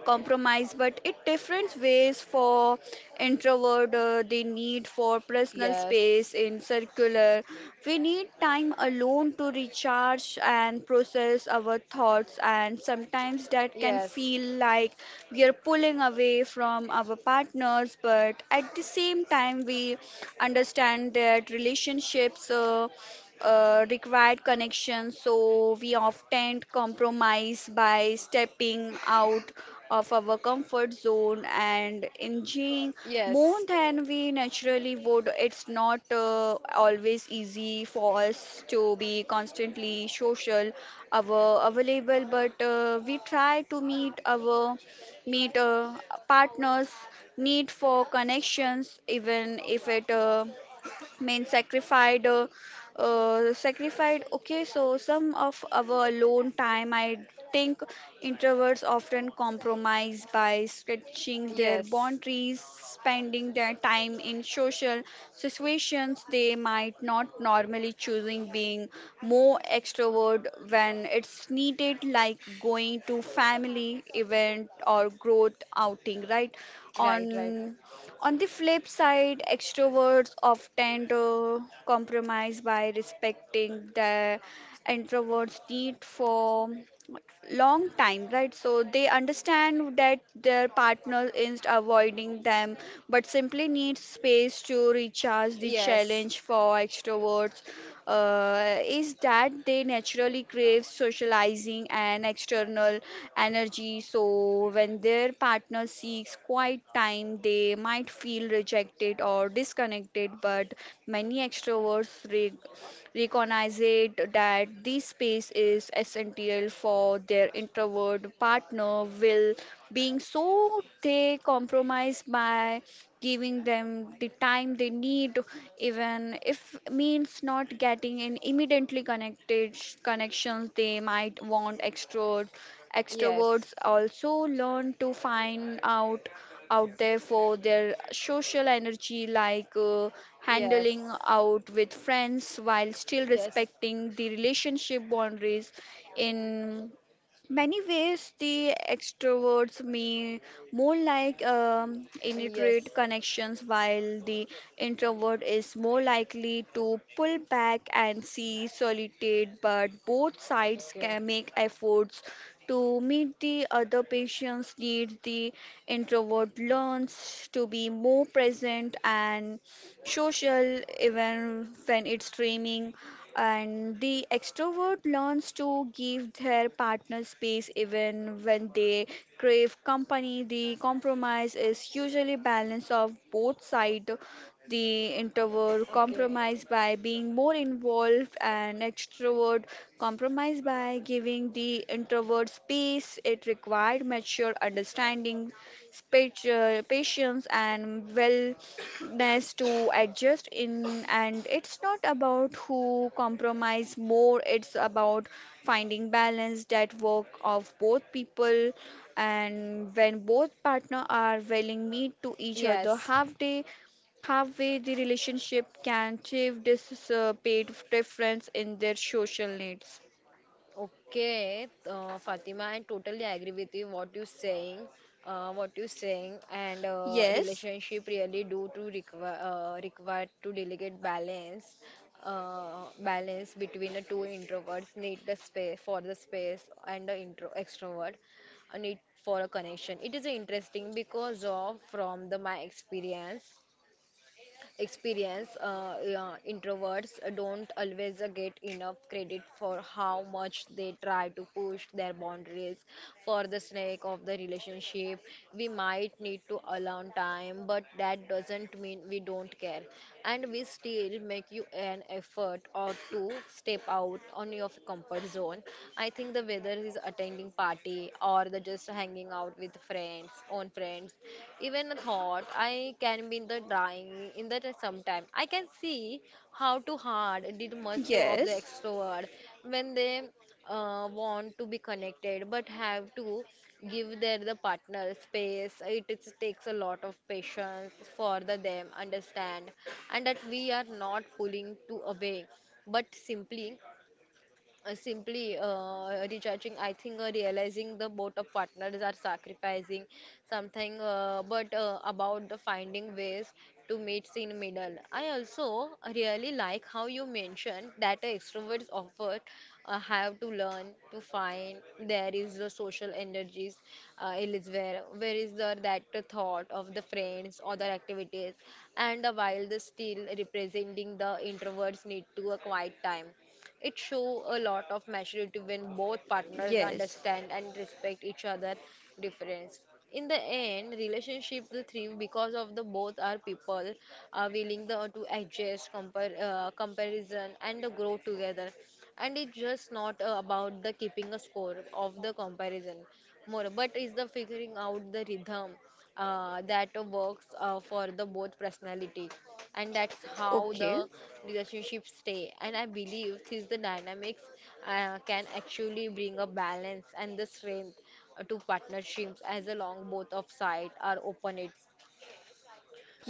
Speaker 1: Compromise, but it different ways. For introvert they need for personal
Speaker 2: Yes.
Speaker 1: space in circular, we need time alone to recharge and process our thoughts, and sometimes that can
Speaker 2: Yes.
Speaker 1: feel like we are pulling away from our partners. But at the same time we understand that relationships required connection, so we often compromise by stepping out of our comfort zone and enjoying more
Speaker 2: Yes.
Speaker 1: than we naturally would. It's not always easy for us to be constantly social, our available, but we try to meet our meet partners need for connections, even if it means sacrificed. Okay, so some of our alone time, I think introverts often compromise by stretching their
Speaker 2: Yes.
Speaker 1: boundaries, spending their time in social situations they might not normally choosing, being more extrovert when it's needed, like going to family event or growth outing, right? on
Speaker 2: Right, right.
Speaker 1: on the flip side, extroverts often compromise by respecting the introvert's need for long time, right? So they understand that their partner is avoiding them, but simply needs space to recharge. The
Speaker 2: Yes.
Speaker 1: challenge for extroverts is that they naturally crave socializing and external energy. So when their partner seeks quiet time, they might feel rejected or disconnected. But many extroverts recognize it that this space is essential for their introvert partner will being, so they compromise by giving them the time they need, even if means not getting in immediately connected connections they might want.
Speaker 2: Yes.
Speaker 1: Extroverts also learn to find out there for their social energy, like handling out with friends while still
Speaker 2: Yes. Yes.
Speaker 1: respecting the relationship boundaries. In many ways the extroverts may more like
Speaker 2: Yes.
Speaker 1: initiate connections, while the introvert is more likely to pull back and see solitude. But both sides can make efforts to meet the other patient's needs. The introvert learns to be more present and social, even when it's streaming, and the extrovert learns to give their partner space even when they crave company. The compromise is usually balance of both sides. The introvert
Speaker 2: Okay. Okay.
Speaker 1: compromise by being more involved, and extrovert compromise by giving the introvert space. It required mature understanding, patience, and wellness to adjust in. And it's not about who compromise more, it's about finding balance that work of both people. And when both partner are willing meet to each other
Speaker 2: Yes.
Speaker 1: halfway, the relationship can achieve this paid difference in their social needs.
Speaker 2: Okay, Fatima, I totally agree with you what you're saying, and
Speaker 1: Yes,
Speaker 2: relationship really do to require require to delegate balance, balance between the two introverts need the space for the space and the intro extrovert need for a connection. It is interesting because of from the my experience, yeah, introverts don't always get enough credit for how much they try to push their boundaries for the sake of the relationship. We might need to allow time, but that doesn't mean we don't care. And we still make you an effort or two step out on your comfort zone. I think the whether is attending party or the just hanging out with friends, own friends, even a thought, I can be in the drawing in the sometime. I can see how too hard did must do of the
Speaker 1: yes,
Speaker 2: extrovert when they want to be connected but have to give their the partner space. It takes a lot of patience for the them understand and that we are not pulling to away but simply, recharging. I think, realizing the both of partners are sacrificing something, but about the finding ways to meet in middle. I also really like how you mentioned that extroverts often have to learn to find there is the social energies, it is where is the that the thought of the friends or the activities and while the still representing the introverts need to a quiet time. It shows a lot of maturity when both partners
Speaker 1: yes.
Speaker 2: understand and respect each other' difference. In the end, relationships thrive because of the both are people are willing the, to adjust, compare, comparison, and grow together. And it's just not about the keeping a score of the comparison more but is the figuring out the rhythm that works for the both personality and that's how
Speaker 1: Okay,
Speaker 2: the relationships stay and I believe this the dynamics can actually bring a balance and the strength to partnerships as a long both of side are open it.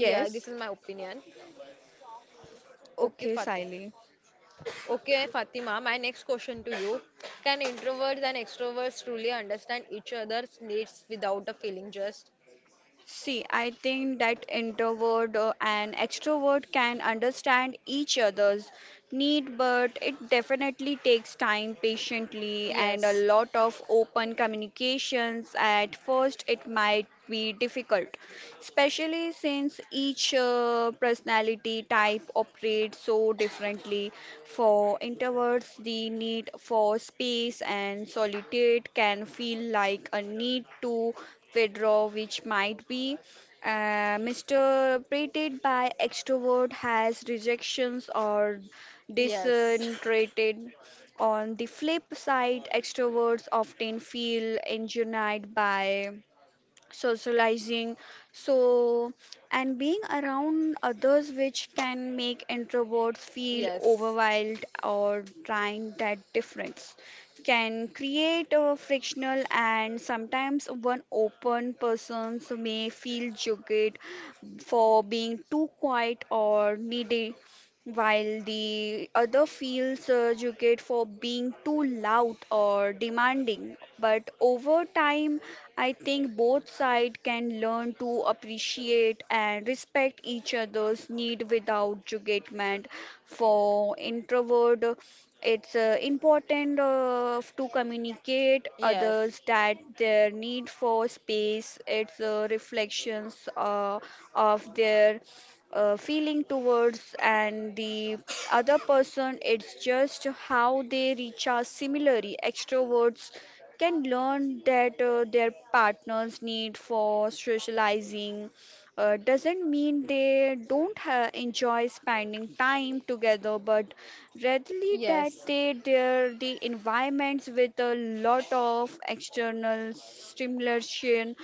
Speaker 2: Yeah, this is my opinion. Okay,
Speaker 1: okay,
Speaker 2: Fatima.
Speaker 1: Siley.
Speaker 2: Okay, Fatima, my next question to you, can introverts and extroverts truly understand each other's needs without a feeling just?
Speaker 1: See, I think that introvert and extrovert can understand each other's need, but it definitely takes time, patiently, and a
Speaker 2: Yes.
Speaker 1: lot of open communications. At first, it might be difficult, especially since each personality type operates so differently. For introverts, the need for space and solitude can feel like a need to withdraw, which might be misinterpreted by extrovert as rejections or
Speaker 2: Yes.
Speaker 1: disinterested. On the flip side, extroverts often feel engineered by socializing so and being around others, which can make introverts feel
Speaker 2: Yes.
Speaker 1: overwhelmed or trying. That difference can create a frictional, and sometimes one open person may feel judged for being too quiet or needy, while the other feels judged for being too loud or demanding. But over time I think both sides can learn to appreciate and respect each other's need without judgment. For introvert, it's important to communicate
Speaker 2: Yes.
Speaker 1: others that their need for space, it's reflections of their feeling towards and the other person, it's just how they recharge. Similarly, extroverts can learn that their partner's need for socializing doesn't mean they don't enjoy spending time together, but rather that
Speaker 2: Yes.
Speaker 1: they're the environments with a lot of external stimulation.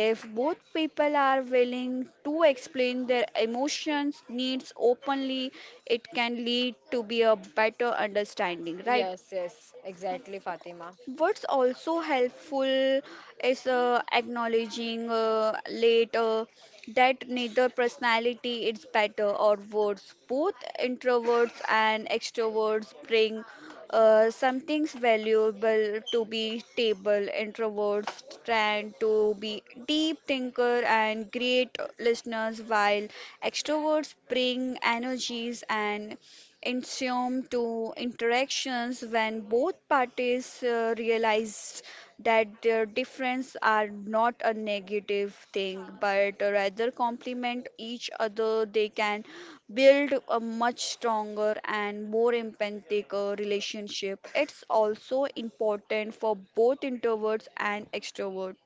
Speaker 1: If both people are willing to explain their emotions, needs openly, it can lead to be a better understanding, right?
Speaker 2: Yes, yes, exactly, Fatima.
Speaker 1: What's also helpful is acknowledging later that neither personality is better or worse. Both introverts and extroverts bring something valuable to be table. Introverts tend to be deep thinker and great listeners, while extroverts bring energies and ensued to interactions. When both parties realized that their differences are not a negative thing but rather complement each other, they can build a much stronger and more empathic relationship. It's also important for both introverts and extroverts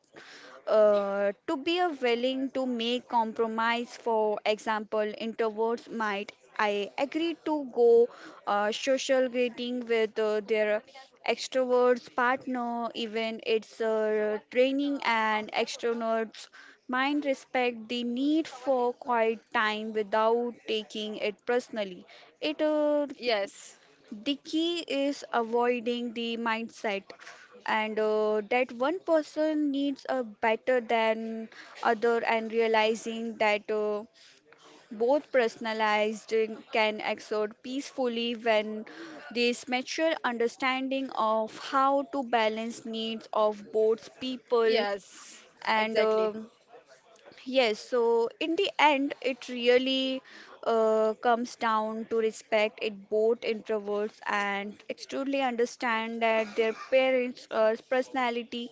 Speaker 1: to be a willing to make compromise. For example, introverts might I agree to go social dating with their extroverts partner, even it's training, and extroverts mind respect the need for quiet time without taking it personally. It
Speaker 2: Yes.
Speaker 1: The key is avoiding the mindset, and that one person needs a better than other, and realizing that both personalized can exert peacefully when this mature understanding of how to balance needs of both people
Speaker 2: Yes.
Speaker 1: and
Speaker 2: Exactly.
Speaker 1: um Yes, so in the end, it really comes down to respect it. Both introverts and extremely understand that their parents' personality.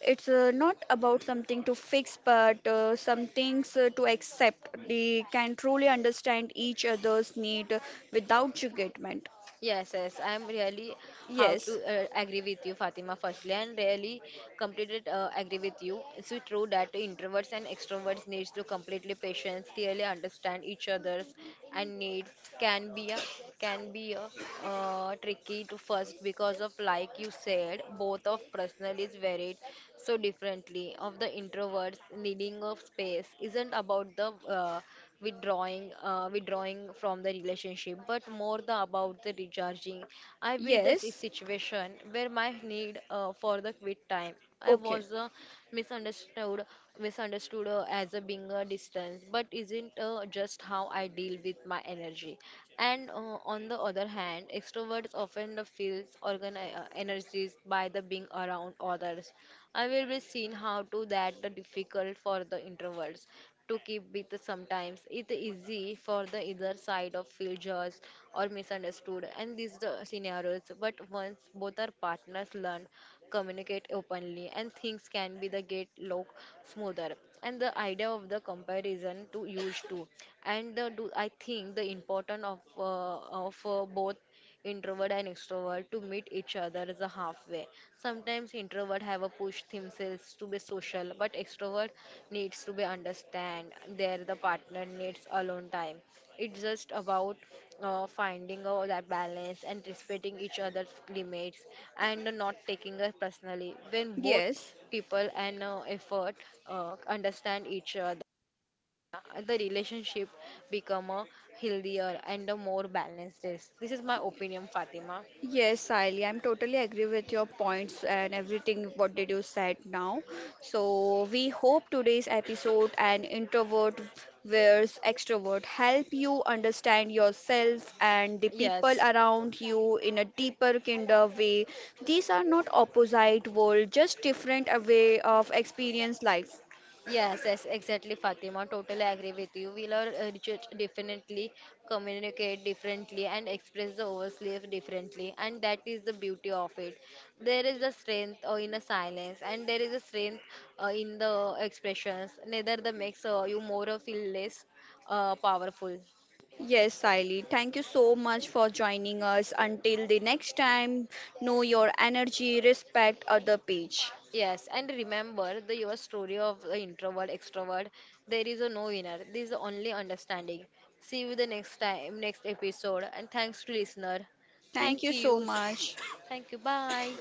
Speaker 1: It's not about something to fix, but some things to accept. They can truly understand each other's need without judgment.
Speaker 2: Yes, yes, I am really how to
Speaker 1: Yes,
Speaker 2: agree with you, Fatima, firstly, and really completed agree with you. It's so true that introverts and extroverts needs to completely patience, really understand each other's and needs can be a can be a tricky to first because of like you said, both of personal is varied so differently of the introverts needing of space isn't about the, uh, withdrawing from the relationship but more the about the recharging. I be the si-
Speaker 1: yes,
Speaker 2: situation where my need for the quit time I
Speaker 1: okay,
Speaker 2: was, misunderstood misunderstood as a being a distance but isn't just how I deal with my energy and on the other hand extroverts often feels energized by the being around others. I will be seen how to that the difficult for the introverts to keep with. Sometimes it easy for the either side of feel judged or misunderstood and these the scenarios but once both our partners learn communicate openly and things can be the get look smoother and the idea of the comparison to use too and the, do I think the important of both introvert and extrovert to meet each other as a halfway. Sometimes introvert have a push themselves to be social, but extrovert needs to be understand there the partner needs alone time. It's just about finding out that balance and respecting each other's limits and not taking it personally. When both
Speaker 1: yes.
Speaker 2: people and effort understand each other the relationship become a healthier and a more balanced. This is my opinion, Fatima.
Speaker 1: Yes, Sally, I'm totally agree with your points and everything what did you said now. So we hope today's episode and introvert versus extrovert help you understand yourself and the people around you in a deeper kind of
Speaker 2: Yes.
Speaker 1: way. These are not opposite world, just different a way of experience life.
Speaker 2: Yes, yes, exactly, Fatima. Totally agree with you. We'll all research differently, communicate differently, and express the oversleep differently. And that is the beauty of it. There is a strength in the silence, and there is a strength in the expressions. Neither the makes you more or feel less powerful.
Speaker 1: Yes, Siley. Thank you so much for joining us. Until the next time, know your energy, respect other page.
Speaker 2: Yes, and remember the your story of the introvert, extrovert. There is a no winner. This is the only understanding. See you the next time, next episode. And thanks to listener.
Speaker 1: Thank
Speaker 2: Thank
Speaker 1: you so
Speaker 2: you.
Speaker 1: much.
Speaker 2: Thank you. Bye.